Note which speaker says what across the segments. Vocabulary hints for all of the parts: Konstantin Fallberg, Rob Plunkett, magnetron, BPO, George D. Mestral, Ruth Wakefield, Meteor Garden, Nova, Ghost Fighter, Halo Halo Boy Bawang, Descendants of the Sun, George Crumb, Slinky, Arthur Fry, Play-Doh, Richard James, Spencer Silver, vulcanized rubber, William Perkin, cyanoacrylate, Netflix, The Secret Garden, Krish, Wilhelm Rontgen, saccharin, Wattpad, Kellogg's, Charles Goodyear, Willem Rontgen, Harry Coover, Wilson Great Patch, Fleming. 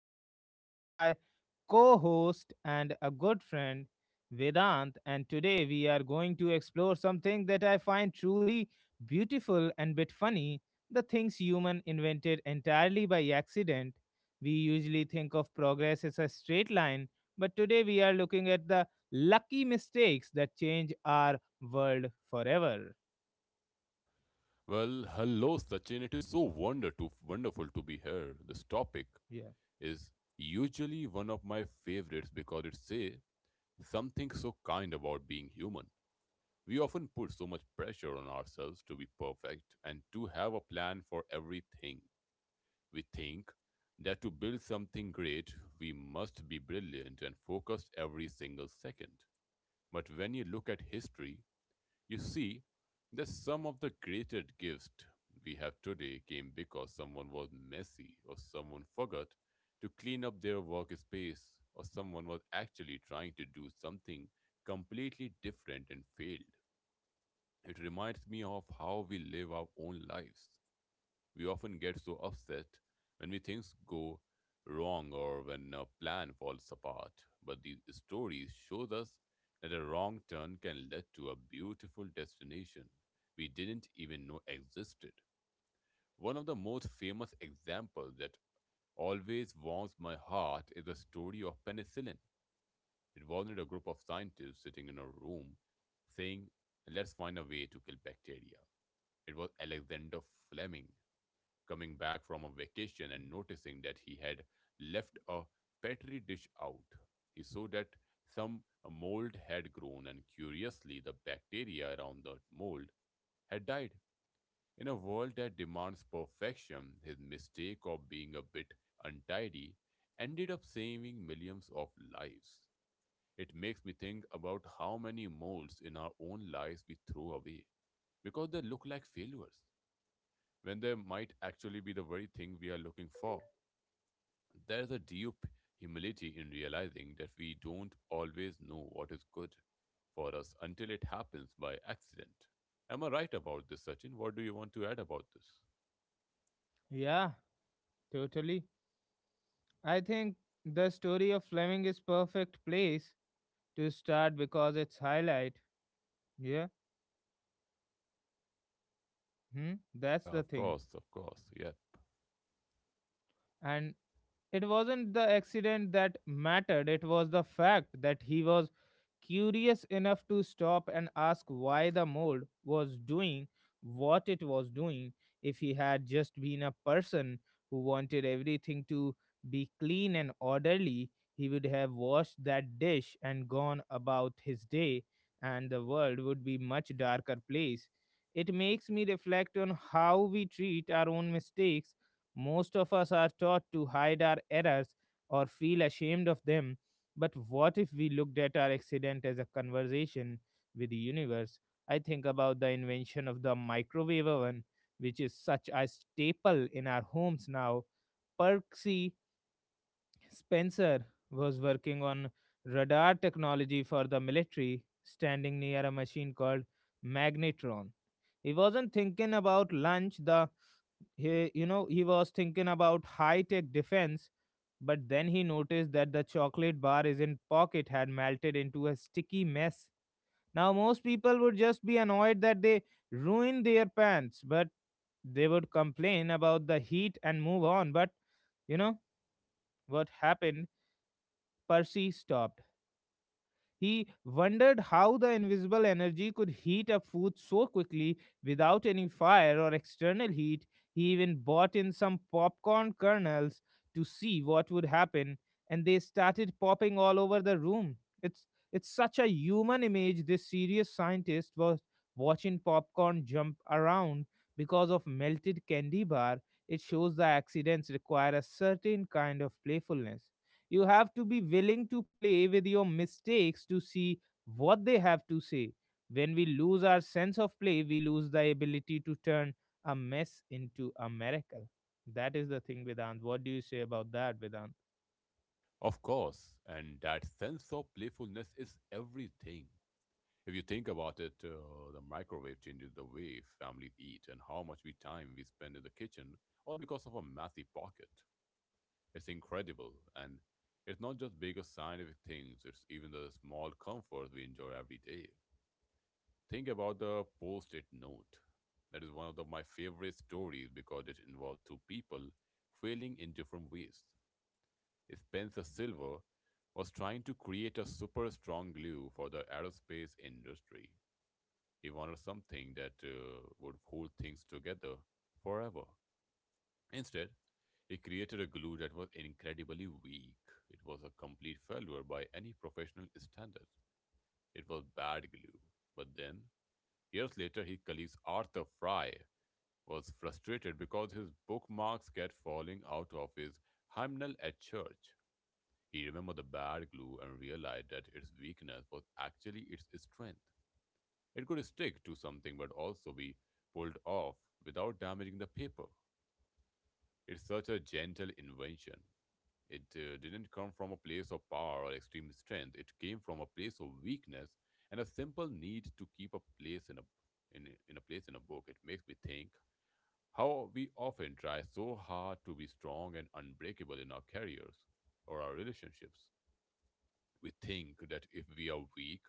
Speaker 1: I'm here with my co-host and a good friend Vedant, and today we are going to explore something that I find truly beautiful and bit funny, the things human invented entirely by accident. We usually think of progress as a straight line, but today we are looking at the lucky mistakes that change our world forever.
Speaker 2: Well, hello, Sachin. It is so wonderful to be here. This topic
Speaker 1: Yeah.
Speaker 2: is usually one of my favorites because it says something so kind about being human. We often put so much pressure on ourselves to be perfect and to have a plan for everything. We think that to build something great, we must be brilliant and focused every single second. But when you look at history, you see, that some of the greatest gifts we have today came because someone was messy or someone forgot to clean up their workspace or someone was actually trying to do something completely different and failed. It reminds me of how we live our own lives. We often get so upset when we things go wrong or when a plan falls apart, but these stories shows us that a wrong turn can lead to a beautiful destination we didn't even know existed. One of the most famous examples that always warms my heart is the story of penicillin. It wasn't a group of scientists sitting in a room saying, let's find a way to kill bacteria. It was Alexander Fleming coming back from a vacation and noticing that he had left a petri dish out. He saw that some mold had grown, and curiously, the bacteria around the mold had died. In a world that demands perfection, his mistake of being a bit untidy ended up saving millions of lives. It makes me think about how many molds in our own lives we throw away because they look like failures when there might actually be the very thing we are looking for. There's a deep humility in realizing that we don't always know what is good for us until it happens by accident. Am I right about this, Sachin? What do you want to add about this?
Speaker 1: Yeah, totally. I think the story of Fleming is perfect place to start because it's highlight. Yeah. Hmm? That's
Speaker 2: Yeah,
Speaker 1: the thing.
Speaker 2: of course, yeah.
Speaker 1: And it wasn't the accident that mattered. It was the fact that he was curious enough to stop and ask why the mold was doing what it was doing. If he had just been a person who wanted everything to be clean and orderly, he would have washed that dish and gone about his day, and the world would be much darker place. It makes me reflect on how we treat our own mistakes. Most of us are taught to hide our errors or feel ashamed of them, but what if we looked at our accident as a conversation with the universe? I think about the invention of the microwave oven, which is such a staple in our homes now. Percy Spencer was working on radar technology for the military, standing near a machine called magnetron. He wasn't thinking about lunch. The he, you know, He was thinking about high-tech defense, but then he noticed that the chocolate bar is in pocket had melted into a sticky mess. Now most people would just be annoyed that they ruined their pants, but they would complain about the heat and move on. But you know what happened? Percy stopped. He wondered how the invisible energy could heat up food so quickly without any fire or external heat. He even bought in some popcorn kernels to see what would happen, and they started popping all over the room. It's it's such a human image. This serious scientist was watching popcorn jump around because of melted candy bar. It shows the accidents require a certain kind of playfulness. You have to be willing to play with your mistakes to see what they have to say. When we lose our sense of play, we lose the ability to turn a mess into a miracle. That is the thing, Vedant. What do you say about that, Vedant?
Speaker 2: Of course, and that sense of playfulness is everything. If you think about it, the microwave changes the way families eat and how much we time we spend in the kitchen, all because of a messy pocket. It's incredible. And it's not just big or scientific things, it's even the small comforts we enjoy every day. Think about the post it note. That is one of my favorite stories because it involved two people failing in different ways. Spencer Silver was trying to create a super strong glue for the aerospace industry. He wanted something that would hold things together forever. Instead, he created a glue that was incredibly weak. It was a complete failure by any professional standards. It was bad glue. But then, years later, his colleague Arthur Fry was frustrated because his bookmarks kept falling out of his hymnal at church. He remembered the bad glue and realized that its weakness was actually its strength. It could stick to something but also be pulled off without damaging the paper. It's such a gentle invention. It didn't come from a place of power or extreme strength. It came from a place of weakness and a simple need to keep a place in a book. It makes me think how we often try so hard to be strong and unbreakable in our careers or our relationships. We think that if we are weak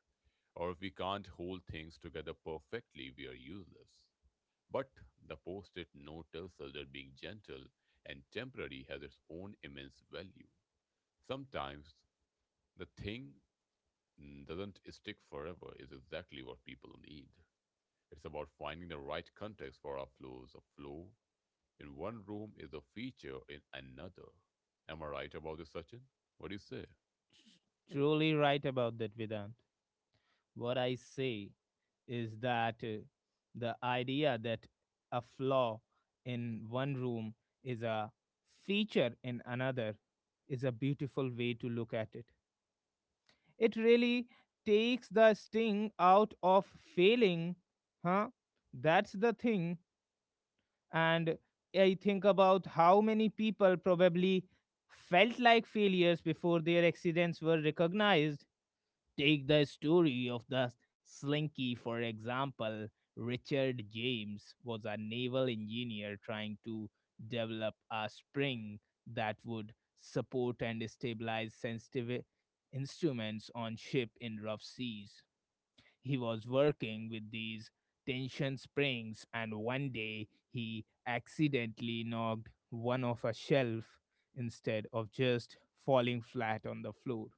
Speaker 2: or if we can't hold things together perfectly, we are useless. But the post it note tells us that being gentle and temporary has its own immense value. Sometimes the thing doesn't stick forever is exactly what people need. It's about finding the right context for our flows. A flow in one room is a feature in another. Am I right about this, Sachin? What do you say?
Speaker 1: Truly right about that, Vedant. What I say is that the idea that a flaw in one room is a feature in another is a beautiful way to look at it. It really takes the sting out of failing, huh? That's the thing. And I think about how many people probably felt like failures before their accidents were recognized. Take the story of the Slinky, for example. Richard James was a naval engineer trying to develop a spring that would support and stabilize sensitive instruments on ship in rough seas. He was working with these tension springs, and one day he accidentally knocked one off a shelf. Instead of just falling flat on the floor,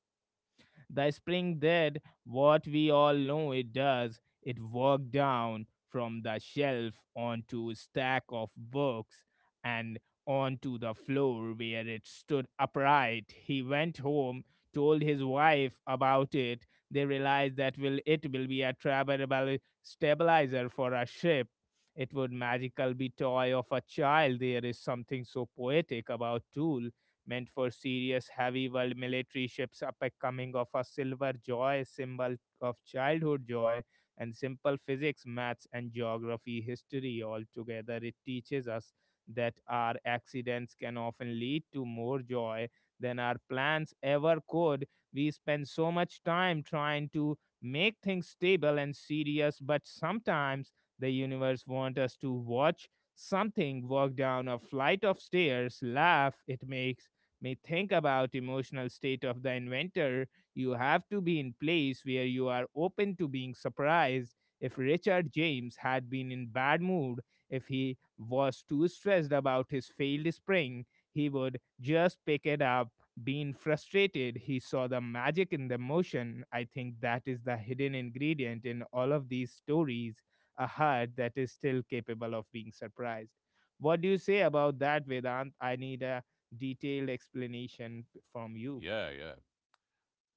Speaker 1: the spring did what we all know it does. It worked down from the shelf onto a stack of books and onto the floor where it stood upright. He went home, told his wife about it. They realized that will it will be a travelable stabilizer for a ship. It would magical be toy of a child. There is something so poetic about tool meant for serious heavy world military ships upcoming of a silver joy symbol of childhood joy and simple physics maths and geography history altogether. It teaches us that our accidents can often lead to more joy than our plans ever could. We spend so much time trying to make things stable and serious, but sometimes the universe wants us to watch something walk down a flight of stairs laugh. It makes may think about emotional state of the inventor. You have to be in place where you are open to being surprised. If Richard James had been in bad mood, if he was too stressed about his failed spring, he would just pick it up. Being frustrated, he saw the magic in the motion. I think that is the hidden ingredient in all of these stories, a heart that is still capable of being surprised. What do you say about that, Vedant? I need a detailed explanation from you.
Speaker 2: Yeah, yeah,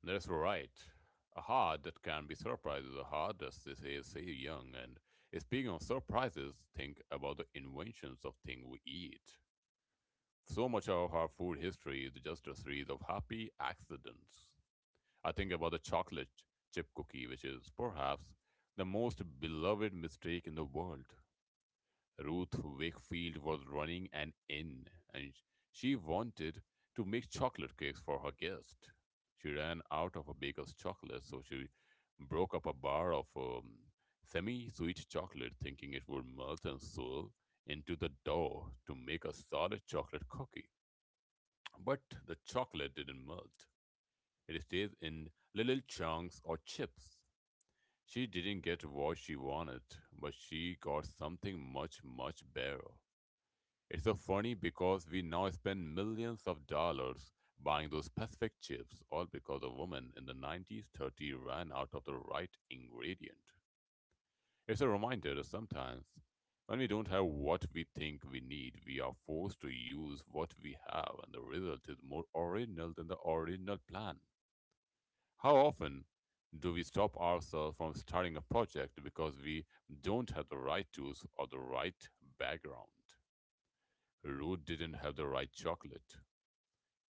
Speaker 2: that's right. A heart that can be surprised is a heart that says, "Hey, say young." And speaking of surprises, think about the inventions of things we eat. So much of our food history is just a series of happy accidents. I think about the chocolate chip cookie, which is perhaps the most beloved mistake in the world. Ruth Wakefield was running an inn and she wanted to make chocolate cakes for her guest. She ran out of a baker's chocolate, so she broke up a bar of semi sweet chocolate, thinking it would melt and swirl into the dough to make a solid chocolate cookie. But the chocolate didn't melt. It stays in little chunks or chips. She didn't get what she wanted, but she got something much, much better. It's so funny because we now spend millions of dollars buying those specific chips, all because a woman in the 90s 30 ran out of the right ingredient. It's a reminder that sometimes when we don't have what we think we need, we are forced to use what we have, and the result is more original than the original plan. How often do we stop ourselves from starting a project because we don't have the right tools or the right background? Ruth didn't have the right chocolate,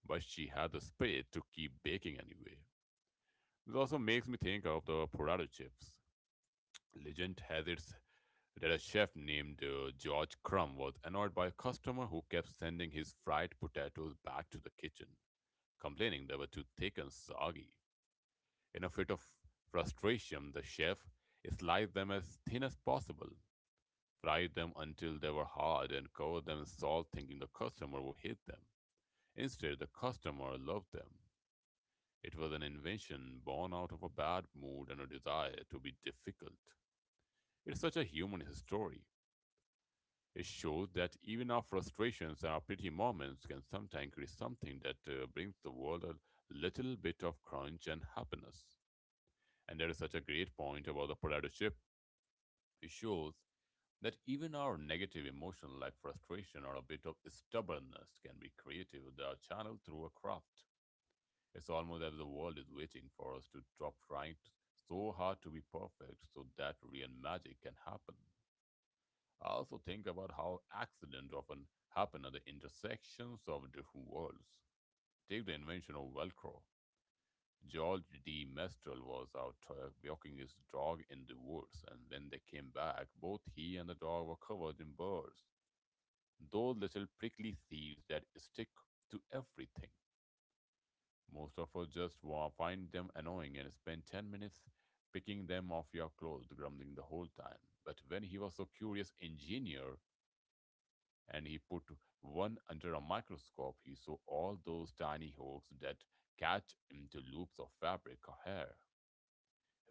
Speaker 2: but she had the spirit to keep baking anyway. This also makes me think of the potato chips. Legend has it that a chef named George Crumb was annoyed by a customer who kept sending his fried potatoes back to the kitchen, complaining they were too thick and soggy. In a fit of frustration, the chef sliced them as thin as possible, fried them until they were hard, and covered them in salt, thinking the customer would hate them. Instead, the customer loved them. It was an invention born out of a bad mood and a desire to be difficult. It's such a human story. It shows that even our frustrations and our pretty moments can sometimes create something that brings the world a little bit of crunch and happiness. And there is such a great point about the potato chip shows that even our negative emotion like frustration or a bit of stubbornness can be creative they are channeled through a craft. It's almost as if the world is waiting for us to stop trying so hard to be perfect so that real magic can happen. I also think about how accidents often happen at the intersections of different worlds. Take the invention of velcro. George D. Mestral was out walking his dog in the woods, and when they came back, both he and the dog were covered in burrs, those little prickly seeds that stick to everything. Most of us just find them annoying and spend 10 minutes picking them off your clothes, grumbling the whole time. But when he was so curious engineer and he put one under a microscope, he saw all those tiny hooks that catch into loops of fabric or hair.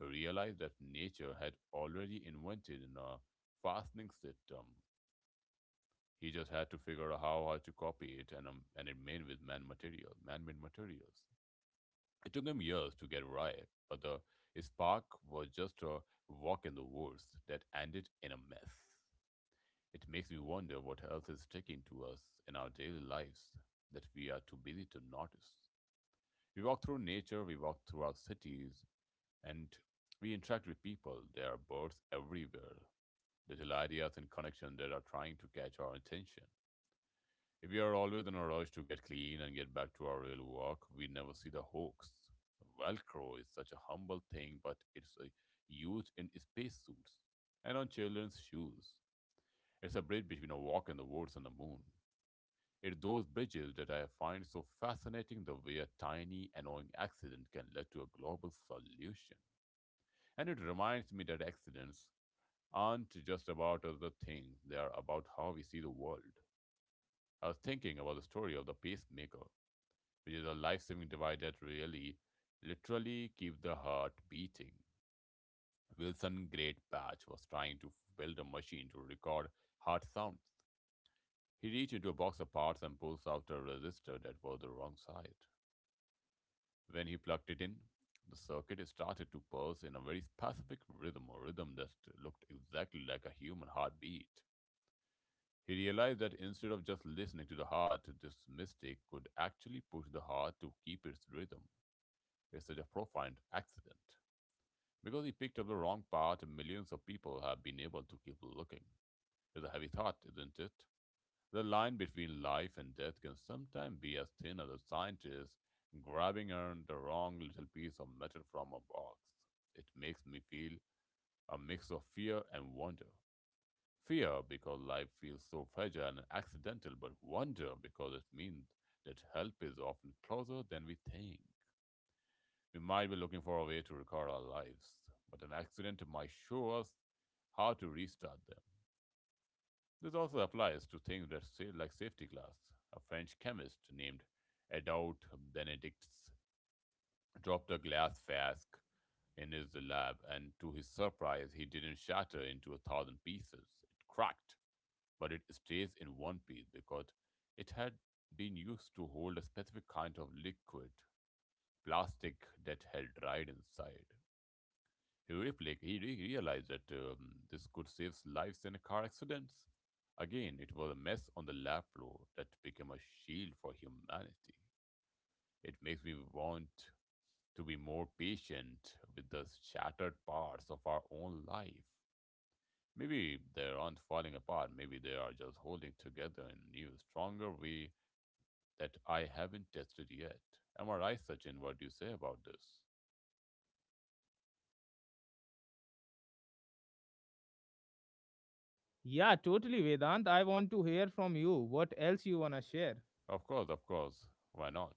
Speaker 2: He realized that nature had already invented a fastening system. He just had to figure out how to copy it, and it made with man-made materials. It took him years to get right, but the spark was just a walk in the woods that ended in a mess. It makes me wonder what else is sticking to us in our daily lives that we are too busy to notice. We walk through nature, we walk through our cities, and we interact with people. There are birds everywhere, little ideas and connections that are trying to catch our attention. If we are always in a rush to get clean and get back to our real work, we never see the hoax. Velcro is such a humble thing, but it's used in spacesuits and on children's shoes. It's a bridge between a walk in the woods and the moon. It's those bridges that I find so fascinating, the way a tiny, annoying accident can lead to a global solution. And it reminds me that accidents aren't just about the things, they are about how we see the world. I was thinking about the story of the pacemaker, which is a life saving device that really, literally keeps the heart beating. Wilson Great Patch was trying to build a machine to record heart sounds. He reached into a box of parts and pulls out a resistor that was the wrong side. When he plugged it in, the circuit started to pulse in a very specific rhythm, a rhythm that looked exactly like a human heartbeat. He realized that instead of just listening to the heart, this mistake could actually push the heart to keep its rhythm. It's such a profound accident. Because he picked up the wrong path, millions of people have been able to keep looking. It's a heavy thought, isn't it? The line between life and death can sometimes be as thin as a scientist grabbing on the wrong little piece of metal from a box. It makes me feel a mix of fear and wonder. Fear, because life feels so fragile and accidental, but wonder, because it means that help is often closer than we think. We might be looking for a way to record our lives, but an accident might show us how to restart them. This also applies to things that say, like safety glass. A French chemist named Adolphe Benedict dropped a glass flask in his lab, and to his surprise, he didn't shatter into a thousand pieces. It cracked but it stays in one piece because it had been used to hold a specific kind of liquid plastic that held dried inside. He realized that this could save lives in car accidents. Again, it was a mess on the lab floor that became a shield for humanity. It makes me want to be more patient with the shattered parts of our own life. Maybe they aren't falling apart. Maybe they are just holding together in a new, stronger way that I haven't tested yet. Am I right, Sachin? What do you say about this?
Speaker 1: Yeah, totally, Vedant. I want to hear from you. What else you wanna share?
Speaker 2: Of course, of course. Why not?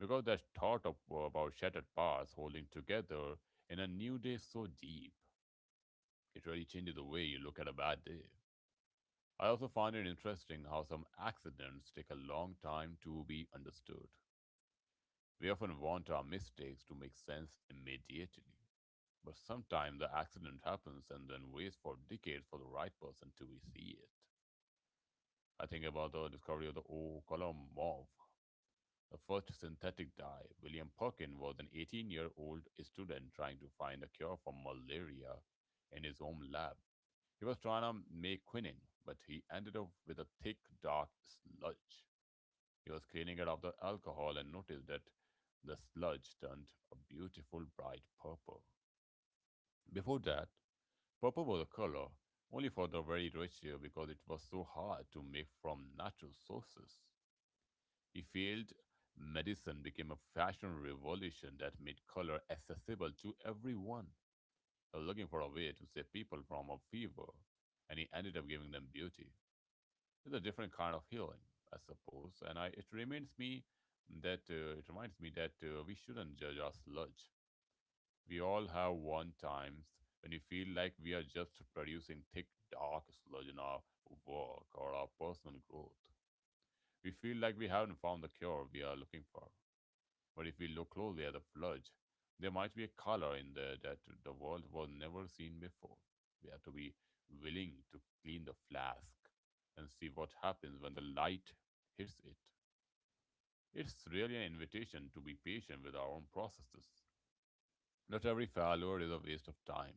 Speaker 2: Because that thought of, about shattered parts holding together in a new day is so deep. It really changes the way you look at a bad day. I also find it interesting how some accidents take a long time to be understood. We often want our mistakes to make sense immediately. But sometimes the accident happens and then waits for decades for the right person to see it. I think about the discovery of the O column mauve, the first synthetic dye. William Perkin was an 18-year-old year old student trying to find a cure for malaria in his own lab. He was trying to make quinine, but he ended up with a thick, dark sludge. He was cleaning it of the alcohol and noticed that the sludge turned a beautiful bright purple. Before that, purple was a color only for the very rich because it was so hard to make from natural sources. He felt medicine became a fashion revolution that made color accessible to everyone. He was looking for a way to save people from a fever, and he ended up giving them beauty. It's a different kind of healing, I suppose, and it reminds me that we shouldn't judge our sludge, we all have one times when we feel like we are just producing thick, dark sludge in our work or our personal growth. We feel like we haven't found the cure we are looking for. But if we look closely at the sludge, there might be a color in there that the world was never seen before. We have to be willing to clean the flask and see what happens when the light hits it. It's really an invitation to be patient with our own processes. Not every failure is a waste of time.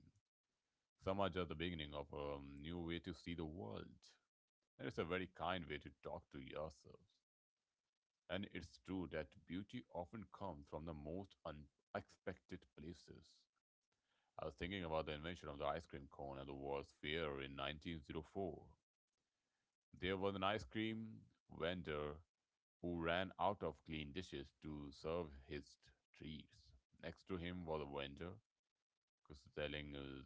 Speaker 2: Some are just the beginning of a new way to see the world. And it's a very kind way to talk to yourselves. And it's true that beauty often comes from the most unexpected places. I was thinking about the invention of the ice cream cone at the World's Fair in 1904. There was an ice cream vendor who ran out of clean dishes to serve his treats. Next to him was a vendor because selling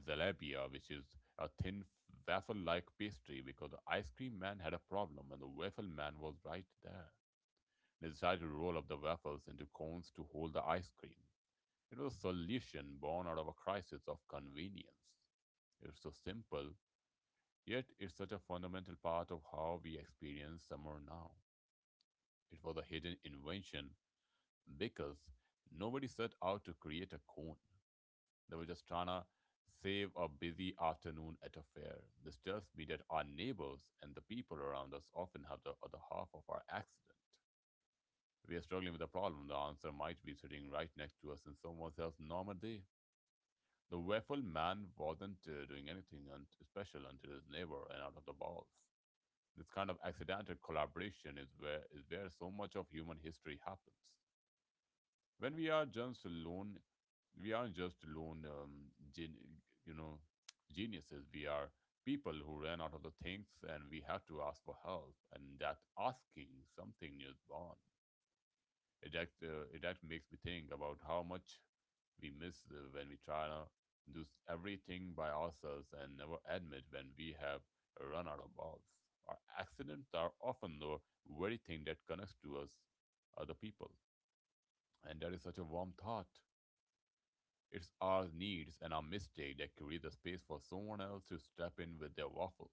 Speaker 2: Zalabia, which is a thin waffle like pastry, because the ice cream man had a problem and the waffle man was right there. They decided to roll up the waffles into cones to hold the ice cream. It was a solution born out of a crisis of convenience. It's so simple, yet it's such a fundamental part of how we experience summer now. It was a hidden invention because nobody set out to create a cone. They were just trying to save a busy afternoon at a fair. This tells me that our neighbors and the people around us often have the other half of our accident. If we are struggling with a problem, the answer might be sitting right next to us in someone else's normal day. The waffle man wasn't doing anything special until his neighbor ran out of the balls. This kind of accidental collaboration is where so much of human history happens when we are just alone, we are just alone um, gen- you know geniuses we are, people who ran out of the things and we have to ask for help, and that asking something is born. It act, uh, it act makes me think about how much we miss when we try to do everything by ourselves and never admit when we have run out of balls. Our accidents are often the very thing that connects to us other people, and that is such a warm thought. It's our needs and our mistake that create the space for someone else to step in with their waffle.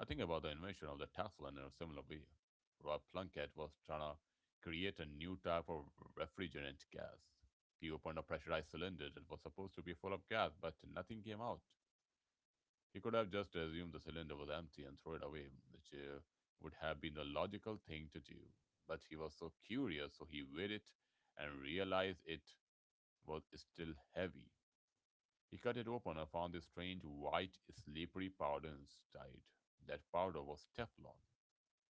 Speaker 2: I think about the invention of the Tesla in a similar way. Rob Plunkett was trying to create a new type of refrigerant gas. He opened a pressurized cylinder that was supposed to be full of gas, but nothing came out. He could have just assumed the cylinder was empty and throw it away, which would have been the logical thing to do. But he was so curious, so he weighed it and realized it was still heavy. He cut it open and found a strange, white, slippery powder inside. That powder was Teflon.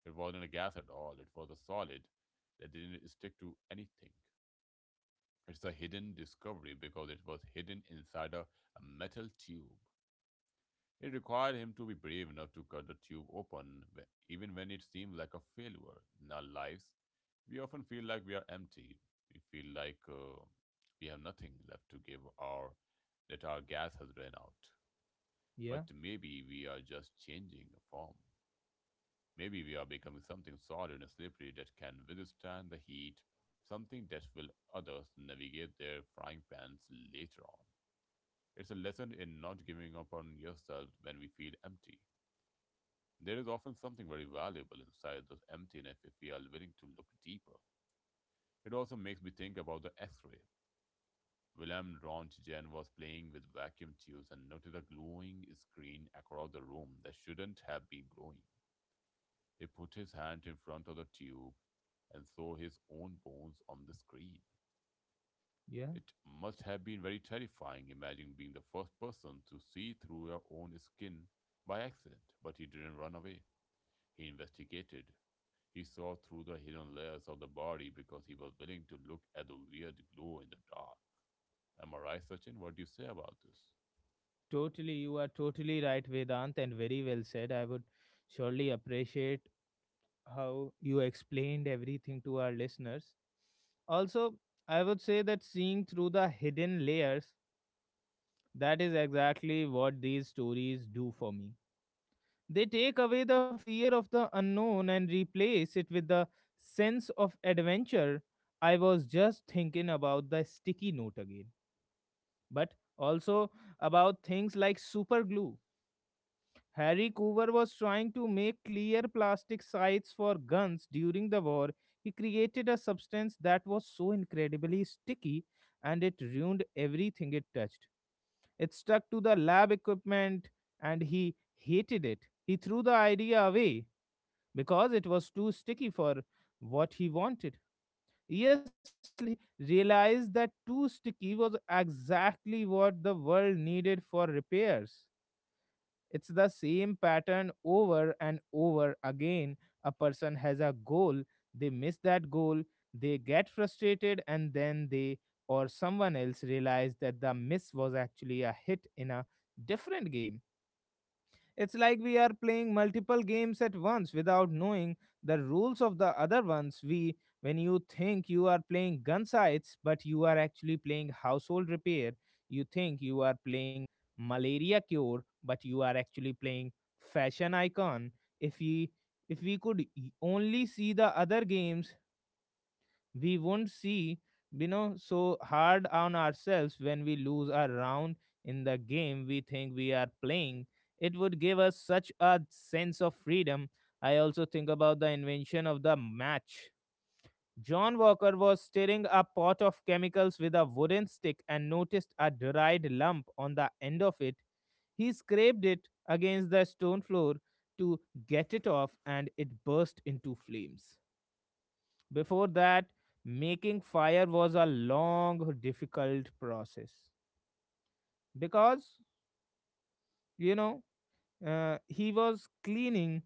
Speaker 2: It wasn't a gas at all, it was a solid that didn't stick to anything. It's a hidden discovery because it was hidden inside a metal tube. It required him to be brave enough to cut the tube open, even when it seemed like a failure. In our lives, we often feel like we are empty. We feel like we have nothing left to give, or that our gas has run out. But
Speaker 1: Yeah,
Speaker 2: maybe we are just changing a form. Maybe we are becoming something solid and slippery that can withstand the heat, something that will others navigate their frying pans later on. It's a lesson in not giving up on yourself when we feel empty. There is often something very valuable inside this emptiness if we are willing to look deeper. It also makes me think about the x ray. Willem Rontgen was playing with vacuum tubes and noted a glowing screen across the room that shouldn't have been glowing. He put his hand in front of the tube and saw his own bones on the screen.
Speaker 1: yeah,
Speaker 2: It must have been very terrifying imagining being the first person to see through your own skin by accident, but he didn't run away. He investigated. He saw through the hidden layers of the body because he was willing to look at the weird glow in the dark. Am I right, Sachin? What do you say about this?
Speaker 1: totally. You are totally right, Vedant, and very well said. I would surely appreciate how you explained everything to our listeners. Also, I would say that seeing through the hidden layers, that is exactly what these stories do for me. They take away the fear of the unknown and replace it with the sense of adventure. I was just thinking about the sticky note again, but also about things like super glue. Harry Coover was trying to make clear plastic sights for guns during the war. He created a substance that was so incredibly sticky, and it ruined everything it touched. It stuck to the lab equipment and he hated it. He threw the idea away because it was too sticky for what he wanted. Years later, he realized that too sticky was exactly what the world needed for repairs. It's the same pattern over and over again. A person has a goal, they miss that goal, they get frustrated, and then they or someone else realize that the miss was actually a hit in a different game. It's like we are playing multiple games at once without knowing the rules of the other ones. We, when you think you are playing gun sites, but you are actually playing household repair. You think you are playing malaria cure, but you are actually playing fashion icon. If we if we could only see the other games, we won't see you know so hard on ourselves when we lose a round in the game we think we are playing. It would give us such a sense of freedom. I also think about the invention of the match. John Walker was stirring a pot of chemicals with a wooden stick and noticed a dried lump on the end of it. He scraped it against the stone floor to get it off, and it burst into flames. Before that, making fire was a long, difficult process because, you know, he was cleaning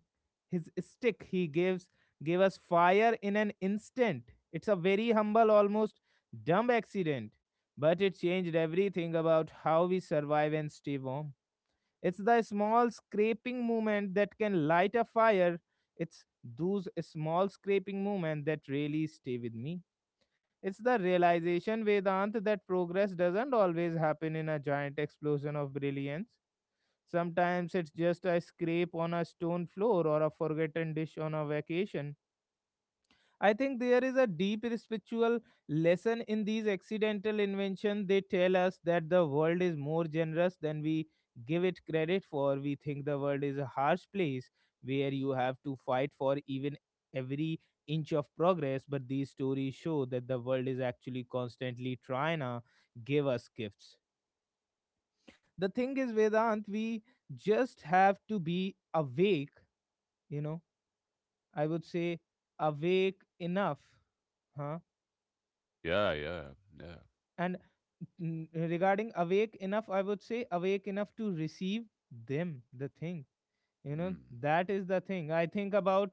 Speaker 1: his stick. He gives gave us fire in an instant. It's a very humble, almost dumb accident, but it changed everything about how we survive and stay warm. It's the small scraping movement that can light a fire. It's those small scraping movement that really stay with me. It's the realization, Vedant, that progress doesn't always happen in a giant explosion of brilliance. Sometimes it's just a scrape on a stone floor or a forgotten dish on a vacation. I think there is a deep spiritual lesson in these accidental inventions. They tell us that the world is more generous than we give it credit for. We think the world is a harsh place where you have to fight for even every inch of progress, but these stories show that the world is actually constantly trying to give us gifts. The thing is, Vedant, we just have to be awake, you know, I would say awake enough, huh?
Speaker 2: Yeah, yeah, yeah.
Speaker 1: And n- regarding awake enough, I would say awake enough to receive them, the thing, you know.
Speaker 2: Mm.
Speaker 1: That is the thing. I think about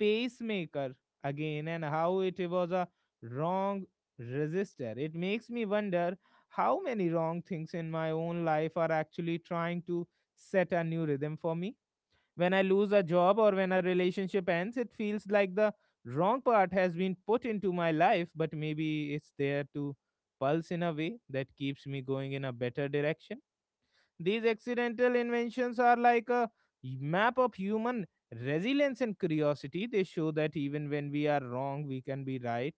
Speaker 1: pacemaker again and how it was a wrong resistor. It makes me wonder how many wrong things in my own life are actually trying to set a new rhythm for me. When I lose a job or when a relationship ends, it feels like the wrong part has been put into my life, but maybe it's there to pulse in a way that keeps me going in a better direction. These accidental inventions are like a map of human resilience and curiosity. They show that even when we are wrong, we can be right.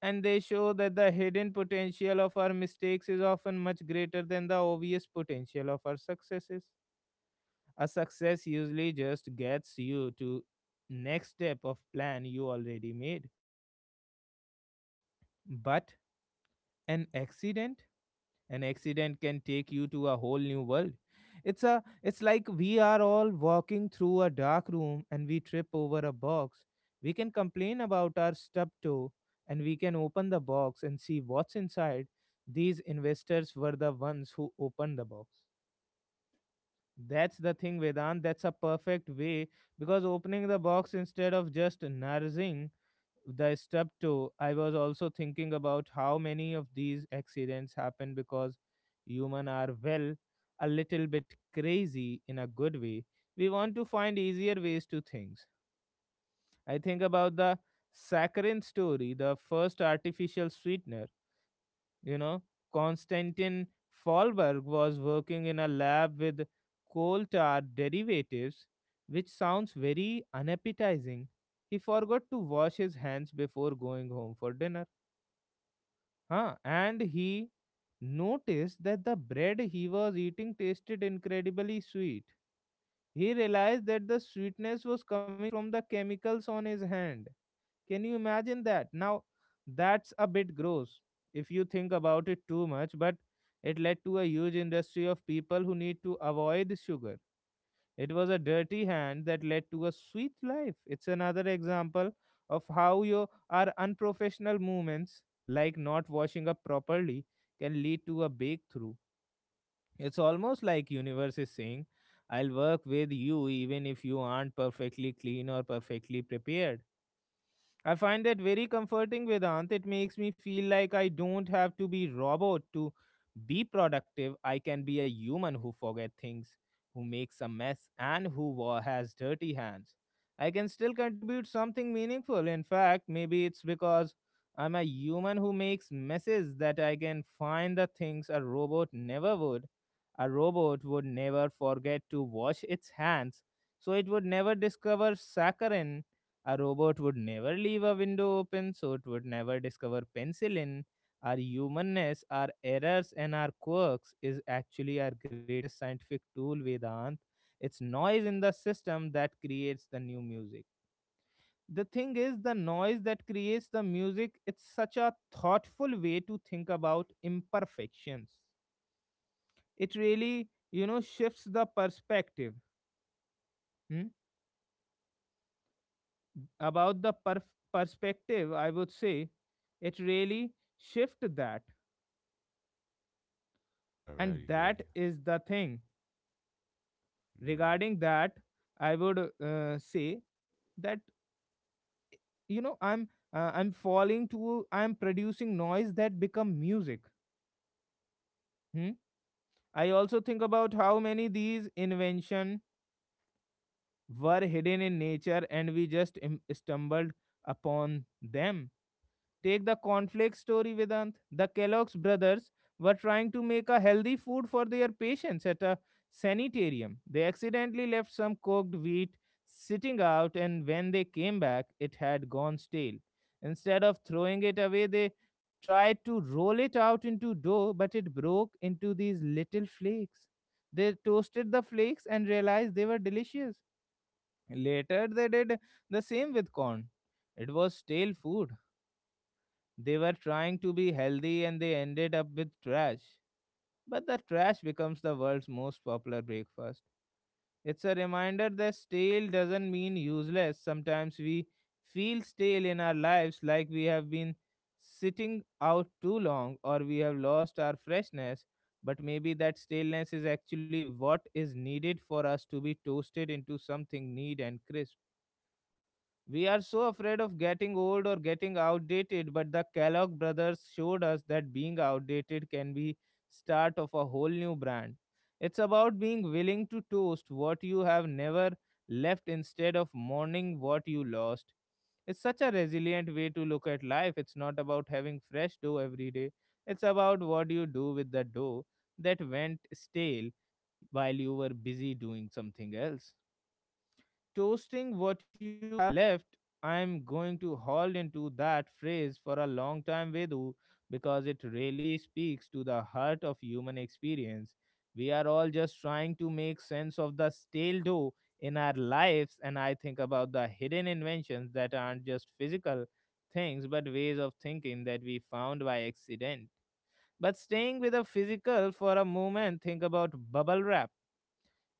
Speaker 1: And they show that the hidden potential of our mistakes is often much greater than the obvious potential of our successes. A success usually just gets you to next step of plan you already made. But an accident, an accident can take you to a whole new world. It's like we are all walking through a dark room and we trip over a box. We can complain about our stub toe, and we can open the box and see what's inside. These investors were the ones who opened the box. That's the thing, Vedant. That's a perfect way, because opening the box instead of just nursing the stub toe. I was also thinking about how many of these accidents happen because human are well a little bit crazy in a good way. We want to find easier ways to things. I think about the saccharine story, the first artificial sweetener. You know, Konstantin Fallberg was working in a lab with coal tar derivatives, which sounds very unappetizing. He forgot to wash his hands before going home for dinner. Huh? And he noticed that the bread he was eating tasted incredibly sweet. He realized that the sweetness was coming from the chemicals on his hand. Can you imagine that? Now, that's a bit gross if you think about it too much, but it led to a huge industry of people who need to avoid sugar. It was a dirty hand that led to a sweet life. It's another example of how your our unprofessional movements, like not washing up properly, can lead to a breakthrough. It's almost like universe is saying, I'll work with you even if you aren't perfectly clean or perfectly prepared. I find that very comforting, Vedant. It makes me feel like I don't have to be robot to be productive. I can be a human who forget things, who makes a mess, and who has dirty hands. I can still contribute something meaningful. In fact, maybe it's because I'm a human who makes messes that I can find the things a robot never would. A robot would never forget to wash its hands, so it would never discover saccharin. A robot would never leave a window open, so it would never discover penicillin. Our humanness, our errors, and our quirks is actually our greatest scientific tool, Vedant. It's noise in the system that creates the new music. The thing is, the noise that creates the music, it's such a thoughtful way to think about imperfections. It really, you know, shifts the perspective. Hmm? About the perspective, I would say it really shift that,
Speaker 2: Yeah,
Speaker 1: and
Speaker 2: really,
Speaker 1: that
Speaker 2: really.
Speaker 1: is the thing
Speaker 2: Mm.
Speaker 1: regarding that. I would say that, you know, I'm I'm falling to I'm producing noise that become music. Hmm? I also think about how many these invention were hidden in nature and we just stumbled upon them. Take the conflict story, Vedant. The Kellogg's brothers were trying to make a healthy food for their patients at a sanitarium. They accidentally left some cooked wheat sitting out, and when they came back, it had gone stale. Instead of throwing it away, they tried to roll it out into dough, but it broke into these little flakes. They toasted the flakes and realized they were delicious. Later, they did the same with corn. It was stale food, they were trying to be healthy and they ended up with trash. But the trash becomes the world's most popular breakfast. It's a reminder that stale doesn't mean useless. Sometimes we feel stale in our lives like we have been sitting out too long or we have lost our freshness. But maybe that staleness is actually what is needed for us to be toasted into something neat and crisp. We are so afraid of getting old or getting outdated, but the Kellogg brothers showed us that being outdated can be start of a whole new brand. It's about being willing to toast what you have never left instead of mourning what you lost. It's such a resilient way to look at life. It's not about having fresh dough every day. It's about what you do with the dough that went stale while you were busy doing something else, toasting what you have left. I'm going to hold into that phrase for a long time, Vedu, because it really speaks to the heart of human experience. We are all just trying to make sense of the stale dough in our lives, and I think about the hidden inventions that aren't just physical things but ways of thinking that we found by accident. But staying with the physical for a moment, think about bubble wrap.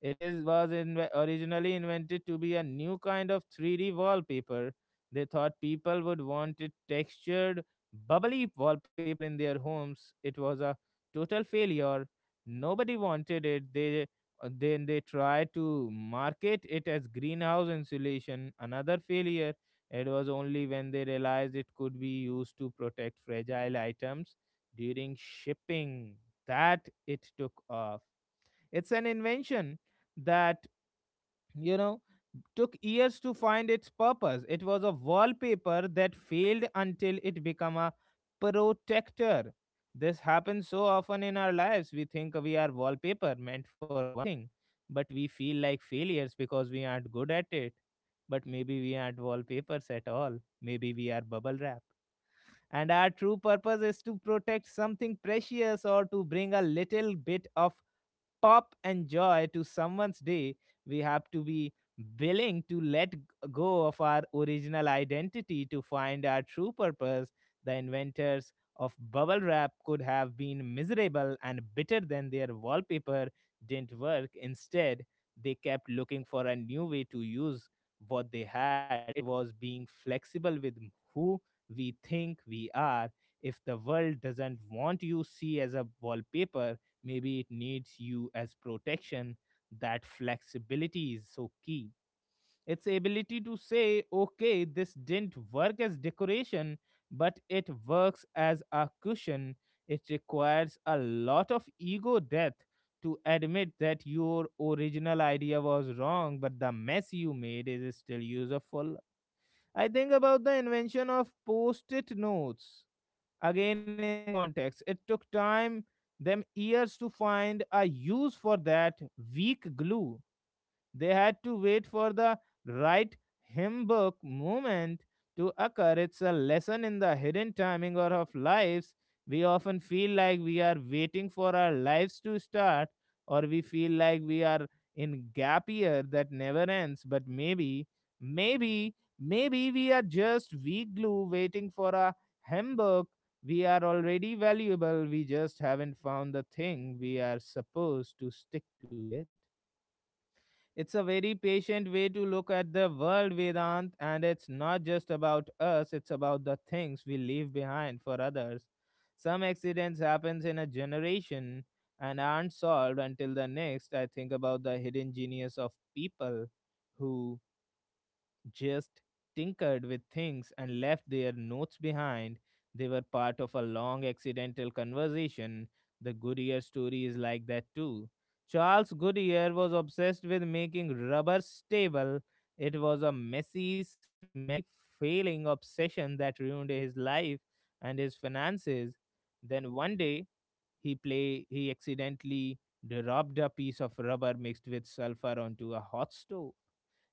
Speaker 1: It originally invented to be a new kind of 3D wallpaper. They thought people would want it textured, bubbly wallpaper in their homes. It was a total failure. Nobody wanted it. They then they tried to market it as greenhouse insulation. Another failure. It was only when they realized it could be used to protect fragile items during shipping that it took off. It's an invention that, you know, took years to find its purpose. It was a wallpaper that failed until it became a protector. This happens so often in our lives. We think we are wallpaper meant for one thing, but we feel like failures because we aren't good at it. But maybe we aren't wallpapers at all. Maybe we are bubble wrap and our true purpose is to protect something precious or to bring a little bit of pop and joy to someone's day. We have to be willing to let go of our original identity to find our true purpose. The inventors of bubble wrap could have been miserable and bitter than their wallpaper didn't work. Instead, they kept looking for a new way to use what they had. It was being flexible with who we think we are. If the world doesn't want you see as a wallpaper, maybe it needs you as protection. That flexibility is so key, its ability to say, okay, this didn't work as decoration, but it works as a cushion. It requires a lot of ego death to admit that your original idea was wrong, but the mess you made is still useful. I think about the invention of post-it notes. Again, in this context, it took time them years to find a use for that weak glue. They had to wait for the right hymn book moment to occur. It's a lesson in the hidden timing or of lives. We often feel like we are waiting for our lives to start, or we feel like we are in gap year that never ends. But maybe, maybe, maybe we are just weak glue waiting for a hymn book. We are already valuable. We just haven't found the thing we are supposed to stick to yet. It's a very patient way to look at the world, Vedant, and it's not just about us, it's about the things we leave behind for others. Some accidents happens in a generation and aren't solved until the next. I think about the hidden genius of people who just tinkered with things and left their notes behind. They were part of a long accidental conversation. The Goodyear story is like that too. Charles Goodyear was obsessed with making rubber stable. It was a messy, smelly, failing obsession that ruined his life and his finances. Then one day he accidentally dropped a piece of rubber mixed with sulfur onto a hot stove.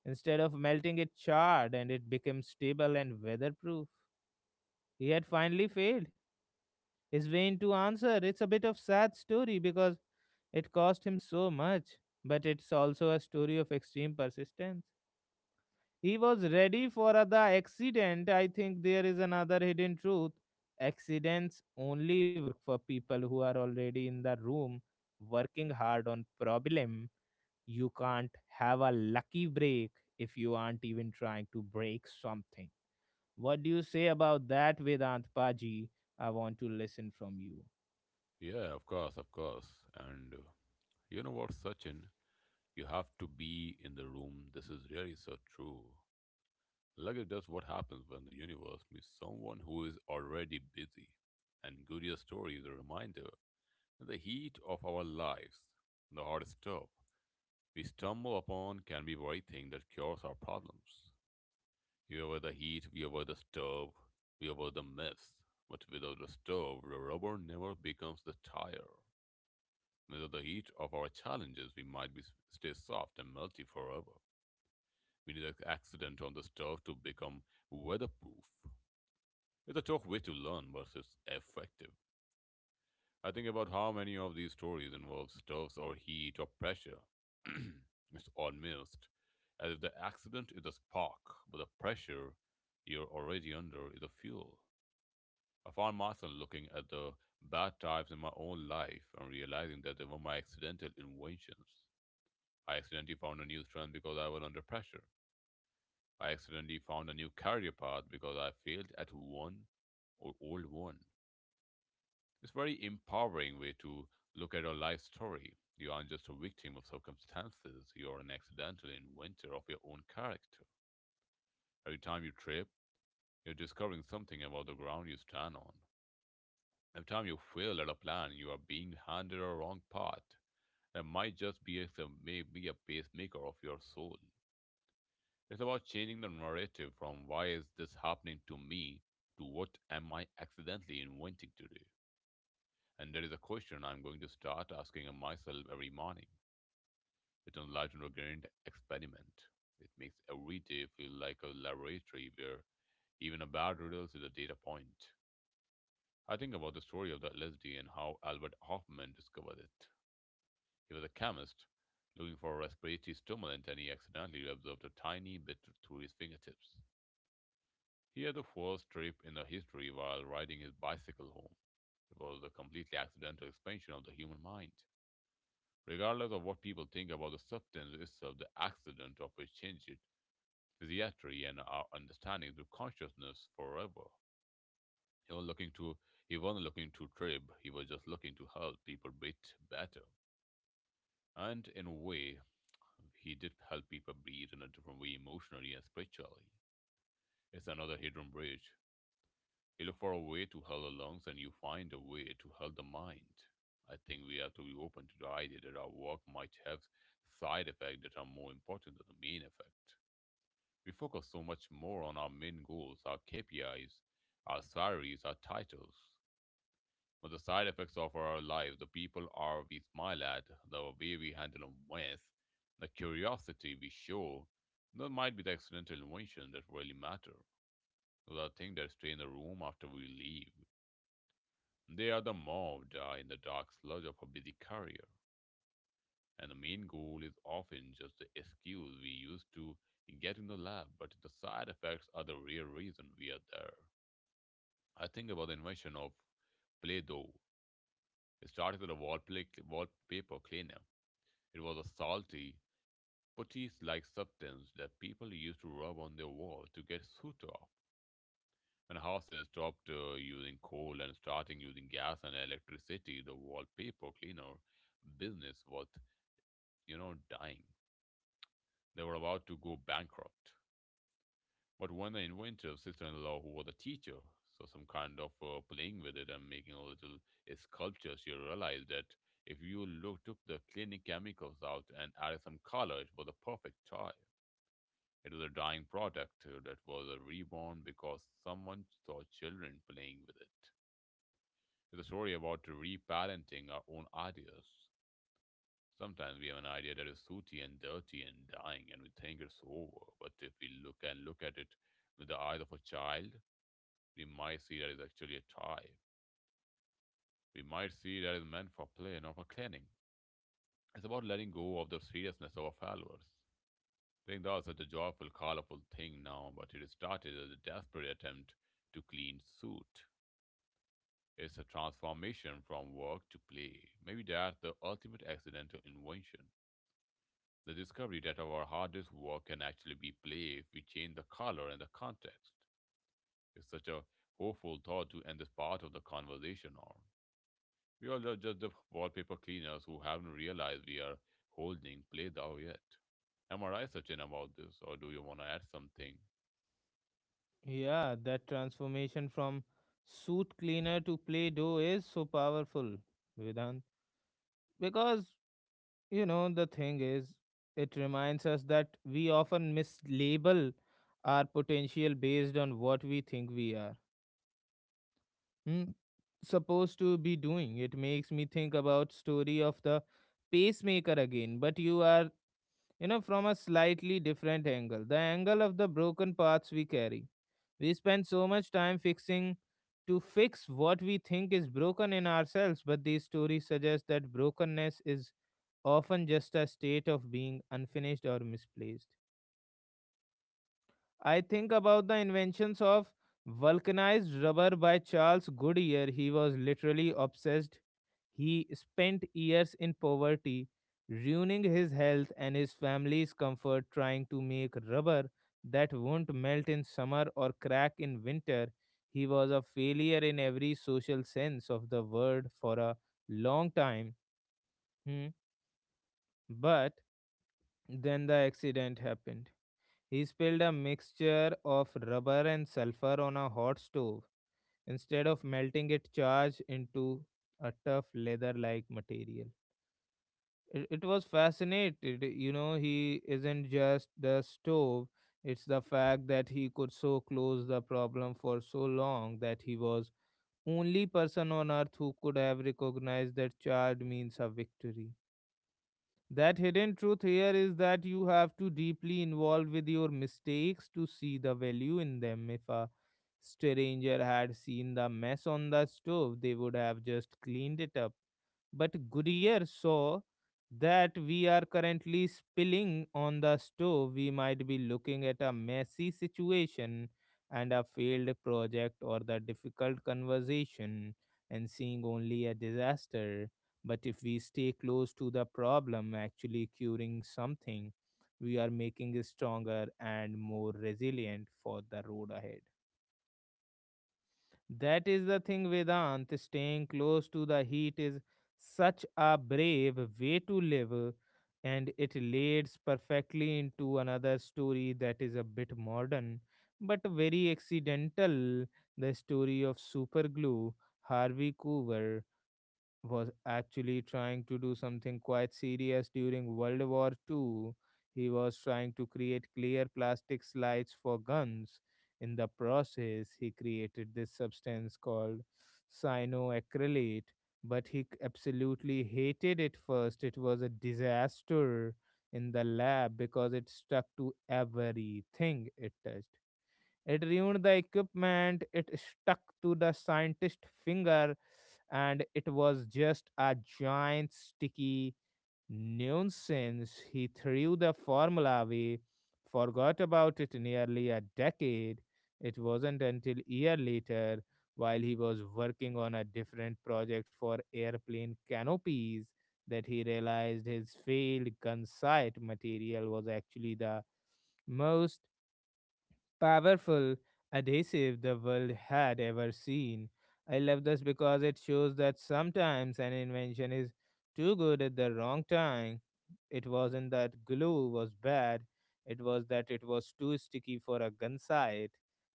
Speaker 1: Instead of melting, it charred and it became stable and weatherproof. He had finally failed. His vain to answer. It's a bit of sad story because it cost him so much, but it's also a story of extreme persistence. He was ready for the accident. I think there is another hidden truth. Accidents only work for people who are already in the room working hard on problem. You can't have a lucky break if you aren't even trying to break something. What do you say about that, Vedant Paji? I want to listen from you.
Speaker 2: Yeah, of course, of course. And you know what, Sachin? You have to be in the room. This is really so true. Like it does, what happens when the universe meets someone who is already busy. And Guria's story is a reminder that the heat of our lives, the hard stuff we stumble upon, can be very thing that cures our problems. We avoid the heat, we avoid the stove, we avoid the myths. But without the stove, the rubber never becomes the tire. Under the heat of our challenges, we might be, stay soft and melty forever. We need an accident on the stove to become weatherproof. It's a tough way to learn, but it's effective. I think about how many of these stories involve stoves or heat or pressure. It's almost as if the accident is a spark, but the pressure you're already under is the fuel. I found myself looking at the bad times in my own life and realizing that they were my accidental inventions. I accidentally found a new strength because I was under pressure. I accidentally found a new career path because I failed at one or old one. It's a very empowering way to look at your life story. You aren't just a victim of circumstances, you're an accidental inventor of your own character. Every time you trip, you're discovering something about the ground you stand on. Every time you fail at a plan, you are being handed a wrong path that might just be may be a pacemaker of your soul. It's about changing the narrative from why is this happening to me to what am I accidentally inventing today? And that is a question I'm going to start asking myself every morning. It's an light and regret experiment. It makes every day feel like a laboratory where even a bad riddles is a data point. I think about the story of the LSD and how Albert Hoffman discovered it. He was a chemist looking for a respiratory stimulant and he accidentally absorbed a tiny bit through his fingertips. He had the first trip in the history while riding his bicycle home. It was a completely accidental expansion of the human mind. Regardless of what people think about the substance itself, the accident of it changed its physiatry and our understanding to consciousness forever. He was looking to he wasn't looking to trip, he was just looking to help people breathe better. And in a way, he did help people breathe in a different way emotionally and spiritually. It's another hidden bridge. You look for a way to heal the lungs and you find a way to heal the mind. I think we have to be open to the idea that our work might have side effects that are more important than the main effect. We focus so much more on our main goals, our KPIs, our salaries, our titles. But the side effects of our life, the people are we smile at, the way we handle them with, the curiosity we show, that might be the accidental invention that really matter. The thing that stay in the room after we leave. They are the mobbed in the dark sludge of a busy career, and the main goal is often just the excuse we use to get in the lab, but the side effects are the real reason we are there. I think about the invention of Play-Doh. It started as a wallpaper cleaner. It was a salty, putty-like substance that people used to rub on their wall to get soot off. When houses stopped using coal and starting using gas and electricity, the wallpaper cleaner business was, you know, dying. They were about to go bankrupt. But when the inventor's sister-in-law, who was a teacher, saw some kind of playing with it and making a little sculpture, she realized that if you look, took the cleaning chemicals out and added some color, it was a perfect toy. It was a dying product that was a reborn because someone saw children playing with it. It's a story about reparenting our own ideas. Sometimes we have an idea that is sooty and dirty and dying, and we think it's over. But if we look at it with the eyes of a child, we might see that it's actually a toy. We might see that it's meant for play, not for cleaning. It's about letting go of the seriousness of our followers. Playing dolls is such a joyful, colorful thing now, but it started as a desperate attempt to clean suit. It's a transformation from work to play. Maybe that's the ultimate accidental invention. The discovery that our hardest work can actually be play if we change the color and the context is such a hopeful thought to end this part of the conversation on. We all are just the wallpaper cleaners who haven't realized we are holding play thou yet. Am I right, Sachin, about this, or do you want to add something?
Speaker 1: Yeah, that transformation from suit cleaner to Play Doh is so powerful, Vedant. Because, you know, the thing is, it reminds us that we often mislabel our potential based on what we think we are, hmm, supposed to be doing. It makes me think about story of the pacemaker again, but you are, you know, from a slightly different angle, the angle of the broken parts we carry. We spend so much time fix what we think is broken in ourselves, but these stories suggest that brokenness is often just a state of being unfinished or misplaced. I think about the inventions of vulcanized rubber by Charles Goodyear. He was literally obsessed. He spent years in poverty, ruining his health and his family's comfort trying to make rubber that won't melt in summer or crack in winter. He was a failure in every social sense of the word for a long time. Hmm. But then the accident happened. He spilled a mixture of rubber and sulfur on a hot stove. Instead of melting it, charged into a tough leather like material. It was fascinated. You know, he isn't just the stove, it's the fact that he could so close the problem for so long that he was only person on earth who could have recognized that charred means a victory. That hidden truth here is that you have to deeply involved with your mistakes to see the value in them. If a stranger had seen the mess on the stove, they would have just cleaned it up. But Goodyear saw that we are currently spilling on the stove. We might be looking at a messy situation and a failed project or the difficult conversation and seeing only a disaster. But if we stay close to the problem, actually curing something, we are making it stronger and more resilient for the road ahead. That is the thing, Vedant. Staying close to the heat is such a brave way to live, and it leads perfectly into another story that is a bit modern but very accidental, the story of superglue. Harvey Coover was actually trying to do something quite serious during World War Two. He was trying to create clear plastic slides for guns. In the process, he created this substance called cyanoacrylate, but absolutely hated it first. It was a disaster in the lab because it stuck to everything it touched. It ruined the equipment, it stuck to the scientist's finger, and it was just a giant sticky nuisance. He threw the formula away, forgot about it nearly a decade. It wasn't until a year later, while he was working on a different project for airplane canopies, that he realized his failed gunsight material was actually the most powerful adhesive the world had ever seen. I love this because it shows that sometimes an invention is too good at the wrong time. It wasn't that glue was bad, it was that it was too sticky for a gun sight.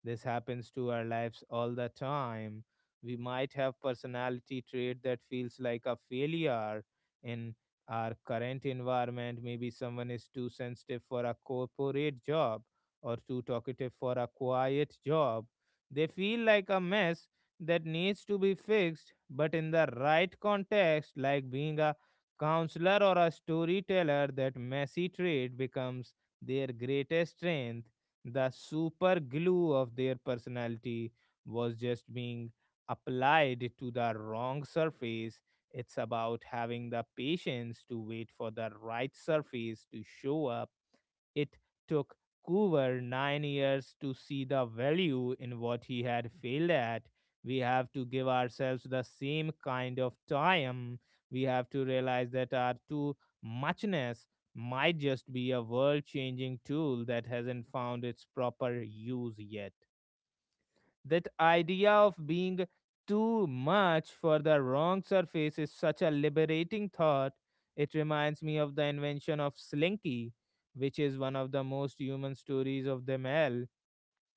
Speaker 1: This happens to our lives all the time. We might have personality trait that feels like a failure in our current environment. Maybe someone is too sensitive for a corporate job or too talkative for a quiet job. They feel like a mess that needs to be fixed, but in the right context, like being a counselor or a storyteller, that messy trait becomes their greatest strength. The super glue of their personality was just being applied to the wrong surface. It's about having the patience to wait for the right surface to show up. It took Coover 9 years to see the value in what he had failed at. We have to give ourselves the same kind of time. We have to realize that our too muchness might just be a world changing tool that hasn't found its proper use yet. That idea of being too much for the wrong surface is such a liberating thought. It reminds me of the invention of Slinky, which is one of the most human stories of them all.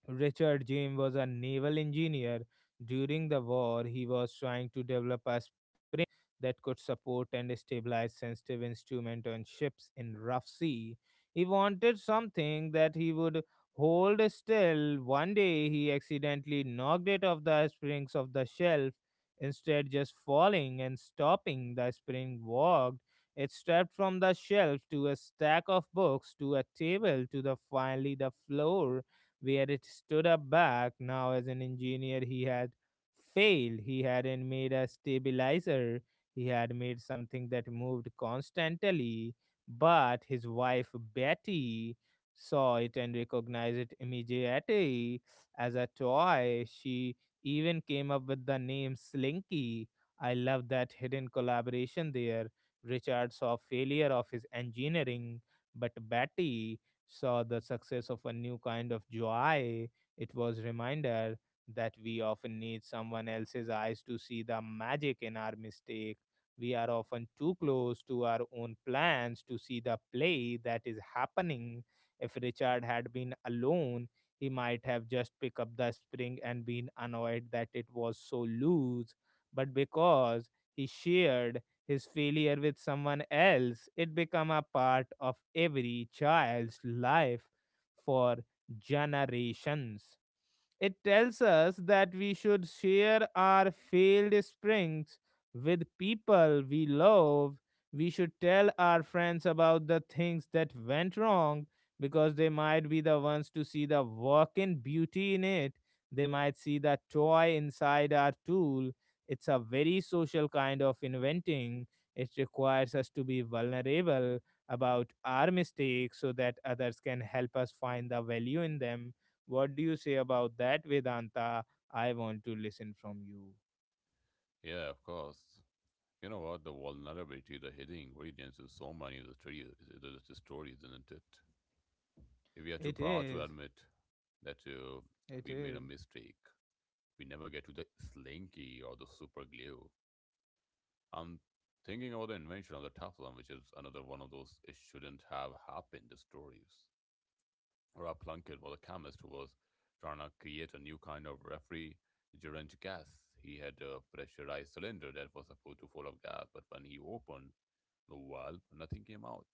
Speaker 1: Richard James was a naval engineer. During the war, he was trying to develop a spring that could support and stabilize sensitive instruments on ships in rough sea. He wanted something that he would hold still. One day, he accidentally knocked it off the springs of the shelf. Instead, just falling and stopping, the spring walked. It stepped from the shelf to a stack of books, to a table, to the finally the floor where it stood up back. Now, as an engineer, he had failed. He hadn't made a stabilizer, he had made something that moved constantly. But his wife, Betty, saw it and recognized it immediately as a toy. She even came up with the name Slinky. I love that hidden collaboration there. Richard saw failure of his engineering, but Betty saw the success of a new kind of joy. It was reminder that we often need someone else's eyes to see the magic in our mistake. We are often too close to our own plans to see the play that is happening. If Richard had been alone, he might have just picked up the spring and been annoyed that it was so loose. But because he shared, his failure with someone else it become a part of every child's life for generations. It tells us that we should share our failed springs with people we love. We should tell our friends about the things that went wrong because they might be the ones to see the working beauty in it. They might see the toy inside our tool. It's a very social kind of inventing. It requires us to be vulnerable about our mistakes so that others can help us find the value in them. What do you say about that, Vedanta? I want to listen from you.
Speaker 2: Yeah, of course. You know what? The vulnerability, the hidden ingredients in so many of the stories, the stories, isn't it? If we are too
Speaker 1: It
Speaker 2: proud to
Speaker 1: is.
Speaker 2: admit that
Speaker 1: It
Speaker 2: we made a
Speaker 1: is.
Speaker 2: mistake, we never get to the slinky or the super glue. I'm thinking about the invention of the Teflon, which is another one of those it shouldn't have happened stories. Rob Plunkett was a chemist who was trying to create a new kind of refrigerant gas. He had a pressurized cylinder that was supposed to be full of gas, but when he opened the valve, nothing came out.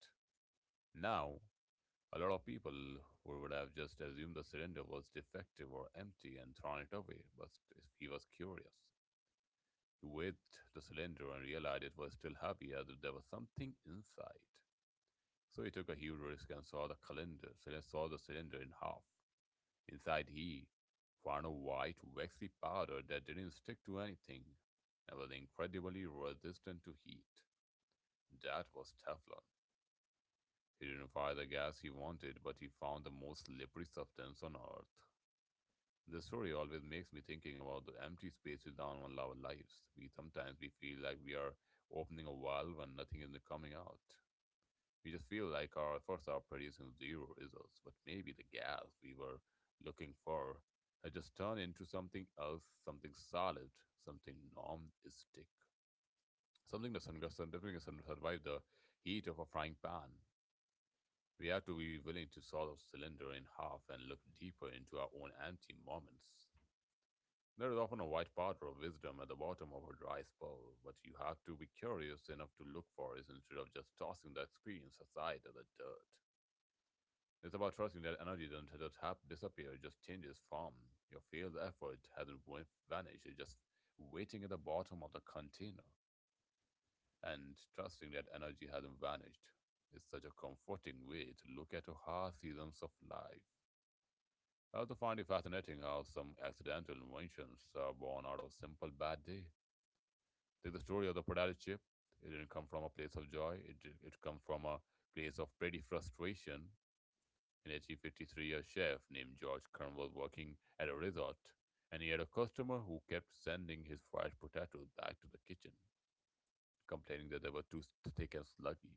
Speaker 2: Now, a lot of people would have just assumed the cylinder was defective or empty and thrown it away, but he was curious. He weighed the cylinder and realized it was still heavy as if there was something inside. So he took a huge risk and saw the cylinder in half. Inside he found a white, waxy powder that didn't stick to anything and was incredibly resistant to heat. That was Teflon. He didn't find the gas he wanted, but he found the most slippery substance on Earth. This story always makes me thinking about the empty spaces down on our lives. We feel like we are opening a valve and nothing is coming out. We just feel like our efforts are producing zero results, but maybe the gas we were looking for has just turned into something else, something solid, something non-stick, survive the heat of a frying pan. We have to be willing to sort of cylinder in half and look deeper into our own empty moments. There is often a white powder of wisdom at the bottom of a dry spell, but you have to be curious enough to look for it instead of just tossing the experience aside as the dirt. It's about trusting that energy doesn't, just not hap- disappear, it just changes form. Your failed effort hasn't wa- vanished, it's just waiting at the bottom of the container. And trusting that energy hasn't vanished is such a comforting way to look at hard seasons of life. I also find it fascinating how some accidental inventions are born out of simple bad day. There's the story of the prodigal chip. It didn't come from a place of joy. It come from a place of petty frustration. In 1853 a chef named George Kern was working at a resort, and he had a customer who kept sending his fried potatoes back to the kitchen, complaining that they were thick and sluggy,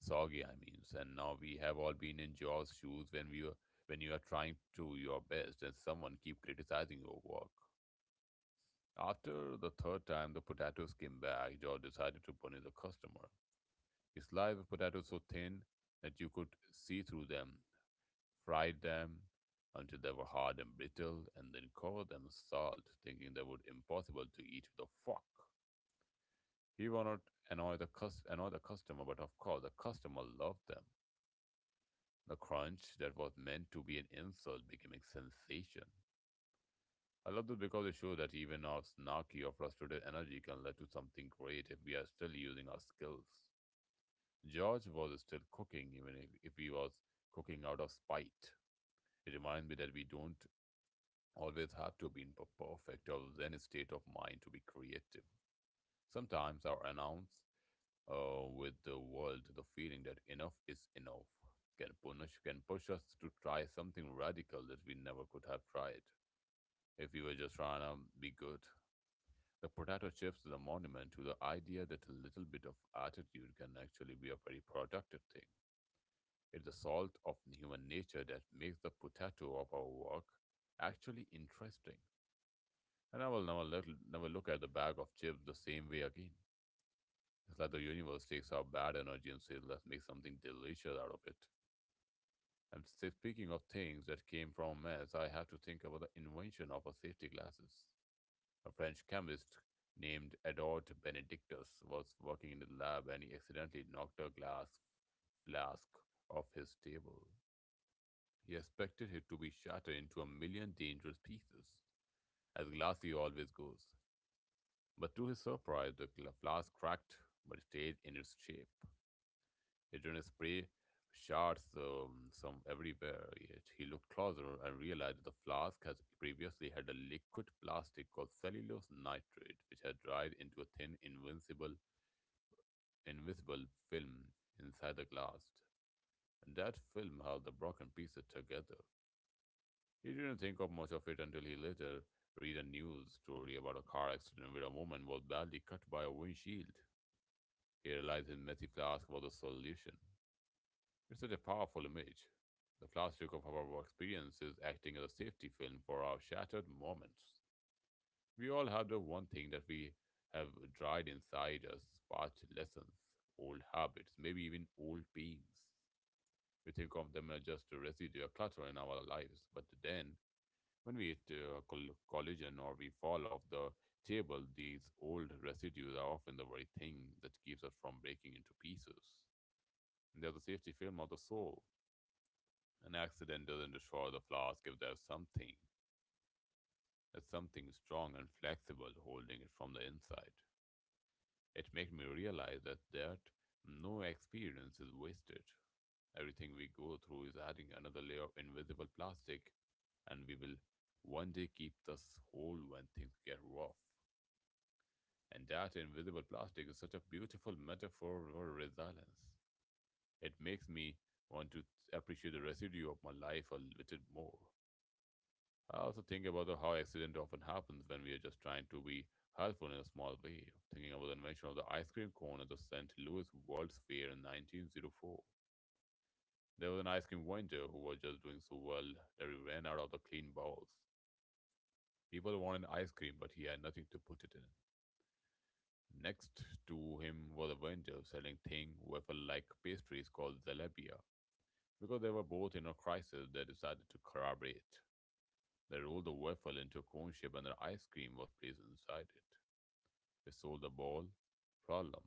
Speaker 2: soggy. I mean, and now we have all been in George's shoes when we were when you are trying to your best and someone keep criticizing your work. After the third time the potatoes came back, George decided to punish the customer. You slice of potatoes so thin that you could see through them, fried them until they were hard and brittle, and then covered them with salt, thinking they were impossible to eat with a fork. He wanted to annoy the customer, but of course the customer loved them. The crunch that was meant to be an insult became a sensation. I love this because it shows that even our snarky or frustrated energy can lead to something great if we are still using our skills. George was still cooking, even if he was cooking out of spite. It reminds me that we don't always have to be in perfect or zen state of mind to be creative. Sometimes our announce with the world, the feeling that enough is enough can push us to try something radical that we never could have tried if we were just trying to be good. The potato chips is a monument to the idea that a little bit of attitude can actually be a very productive thing. It's the salt of human nature that makes the potato of our work actually interesting. And I will never look at the bag of chips the same way again. It's like the universe takes our bad energy and says, let's make something delicious out of it. And speaking of things that came from mess, I have to think about the invention of a safety glasses. A French chemist named Edouard Benedictus was working in the lab and he accidentally knocked a glass flask off his table. He expected it to be shattered into a million dangerous pieces, as Glassy always goes. But to his surprise, the flask cracked but stayed in its shape. It didn't spray shards some everywhere, yet he looked closer and realized that the flask had previously had a liquid plastic called cellulose nitrate, which had dried into a thin, invincible, invisible film inside the glass. And that film held the broken pieces together. He didn't think of much of it until he later read a news story about a car accident where a woman was badly cut by a windshield. He realized his messy flask was the solution. It's such a powerful image. The plastic of our experiences acting as a safety film for our shattered moments. We all have the one thing that we have dried inside us, past lessons, old habits, maybe even old pains. We think of them as just a residue, a clutter in our lives, but then when we hit a collision or we fall off the table, these old residues are often the very thing that keeps us from breaking into pieces. They are the safety film of the soul. An accident doesn't destroy the flask if there's something strong and flexible holding it from the inside. It made me realize that no experience is wasted. Everything we go through is adding another layer of invisible plastic, and we will one day keep this whole when things get rough. And that invisible plastic is such a beautiful metaphor for resilience. It makes me want to appreciate the residue of my life a little more. I also think about how accident often happens when we are just trying to be helpful in a small way. Thinking about the invention of the ice cream cone at the St. Louis World's Fair in 1904. There was an ice cream vendor who was just doing so well that he ran out of the clean bowls. People wanted ice cream, but he had nothing to put it in. Next to him was a vendor selling thin wafer-like pastries called zalabia. Because they were both in a crisis, they decided to collaborate. They rolled the waffle into a cone shape and the ice cream was placed inside it. It solved the ball problem,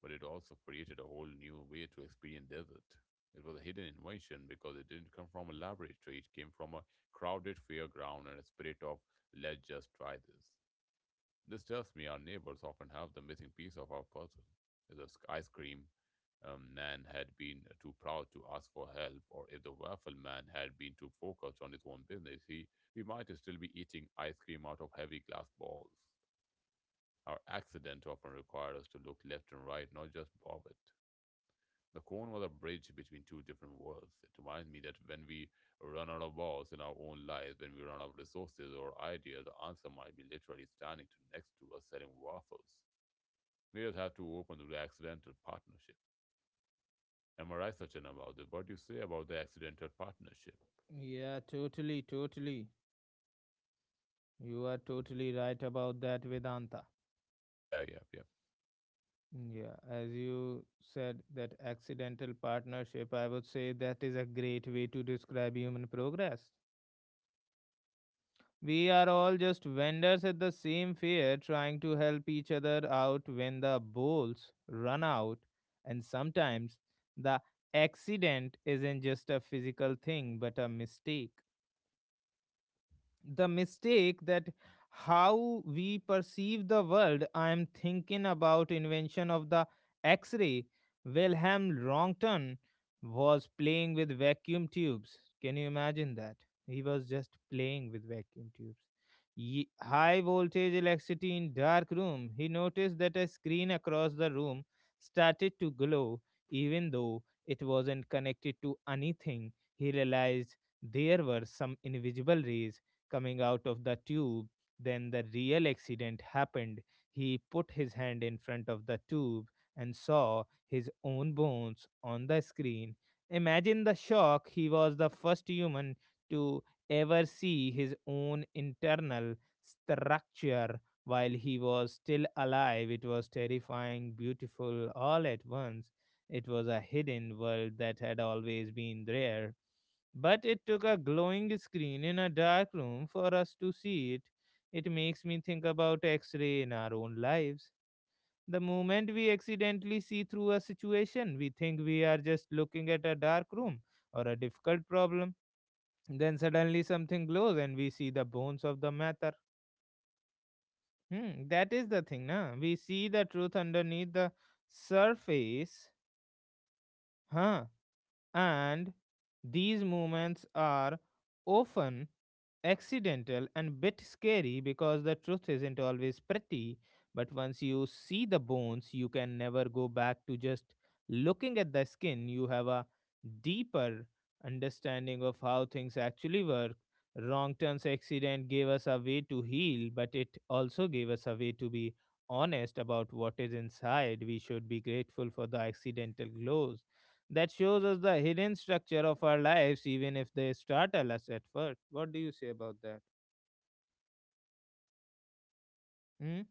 Speaker 2: but it also created a whole new way to experience dessert. It was a hidden invention because it didn't come from a laboratory, it came from a crowded fairground and a spirit of let's just try this. This tells me our neighbors often have the missing piece of our puzzle. The ice cream man had been too proud to ask for help, or if the waffle man had been too focused on his own business, he, we might still be eating ice cream out of heavy glass balls. Our accident often required us to look left and right, not just bob it. The cone was a bridge between two different worlds. It reminds me that when we run out of balls in our own lives, when we run out of resources or ideas, the answer might be literally standing to next to us selling waffles. Leaders have to open to the accidental partnership. Am I right, Sachin, about this? What do you say about the accidental partnership?
Speaker 1: Yeah, totally, totally. You are totally right about that, Vedanta.
Speaker 2: Yeah, yeah, yeah.
Speaker 1: Yeah, as you said, that accidental partnership, I would say that is a great way to describe human progress. We are all just vendors at the same fair trying to help each other out when the bowls run out. And sometimes the accident isn't just a physical thing but a mistake, the mistake that how we perceive the world. I am thinking about invention of the x-ray. Wilhelm Rontgen was playing with vacuum tubes, can you imagine that? He was just playing with vacuum tubes, high voltage electricity in dark room. He noticed that a screen across the room started to glow even though it wasn't connected to anything. He realized there were some invisible rays coming out of the tube. Then the real accident happened. He put his hand in front of the tube and saw his own bones on the screen. Imagine the shock. He was the first human to ever see his own internal structure while he was still alive. It was terrifying, beautiful all at once. It was a hidden world that had always been there, but it took a glowing screen in a dark room for us to see it. It makes me think about X ray in our own lives. The moment we accidentally see through a situation, we think we are just looking at a dark room or a difficult problem. Then suddenly something glows and we see the bones of the matter. Hmm, that is the thing, na? We see the truth underneath the surface, huh? And these moments are often accidental and bit scary because the truth isn't always pretty, but once you see the bones you can never go back to just looking at the skin. You have a deeper understanding of how things actually work. Wrong turns accident gave us a way to heal, but it also gave us a way to be honest about what is inside. We should be grateful for the accidental glows that shows us the hidden structure of our lives, even if they startle us at first. What do you say about that? Hmm?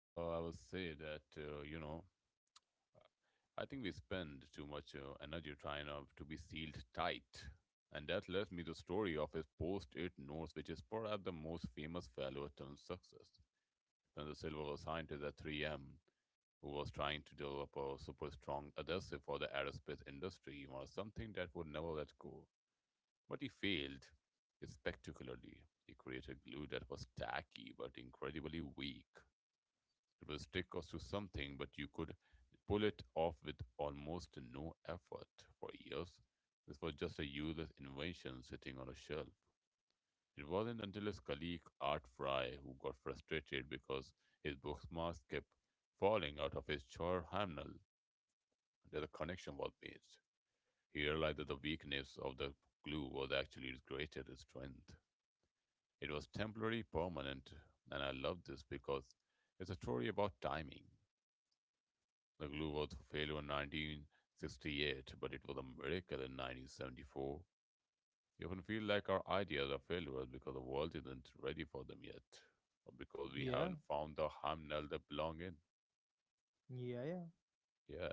Speaker 2: I would say that, you know, I think we spend too much energy trying to be sealed tight. And that led me to the story of his post-it notes, which is perhaps the most famous failure turned success. Then the silver was a scientist at 3M, who was trying to develop a super strong adhesive for the aerospace industry, or something that would never let go. But he failed spectacularly. He created glue that was tacky but incredibly weak. It would stick us to something, but you could pull it off with almost no effort. For years, this was just a useless invention sitting on a shelf. It wasn't until his colleague Art Fry, who got frustrated because his bookmarks kept falling out of his chair handle, that the connection was made. He realized that the weakness of the glue was actually its greatest strength. It was temporary, permanent, and I loved this because it's a story about timing. The glue was for failure in 1968, but it was a miracle in 1974. We often feel like our ideas are failures because the world isn't ready for them yet, or because we
Speaker 1: Yeah,
Speaker 2: haven't found the harmonic they belong in.
Speaker 1: yeah, yeah.
Speaker 2: Yeah.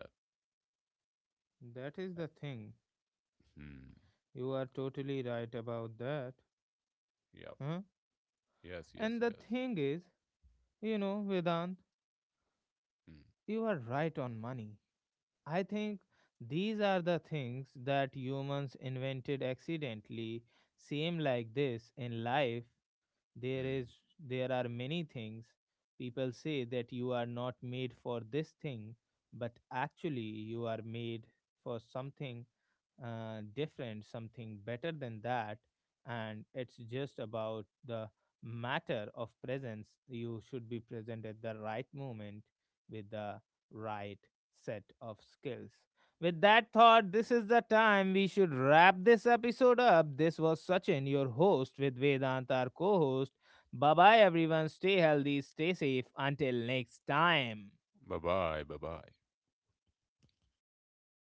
Speaker 1: That is the thing.
Speaker 2: Hmm.
Speaker 1: You are totally right about that.
Speaker 2: Yep.
Speaker 1: Huh?
Speaker 2: Yes. Yes.
Speaker 1: And the
Speaker 2: Yes.
Speaker 1: thing is, you know, Vedant,
Speaker 2: Hmm.
Speaker 1: you are right on money. I think these are the things that humans invented accidentally, same like this in life there
Speaker 2: Hmm.
Speaker 1: is there are many things people say that you are not made for this thing, but actually you are made for something different, something better than that. And it's just about the matter of presence. You should be present at the right moment with the right set of skills. With that thought, this is the time we should wrap this episode up. This was Sachin, your host, with Vedant, our co host. Bye bye, everyone. Stay healthy, stay safe. Until next time.
Speaker 2: Bye bye. Bye bye.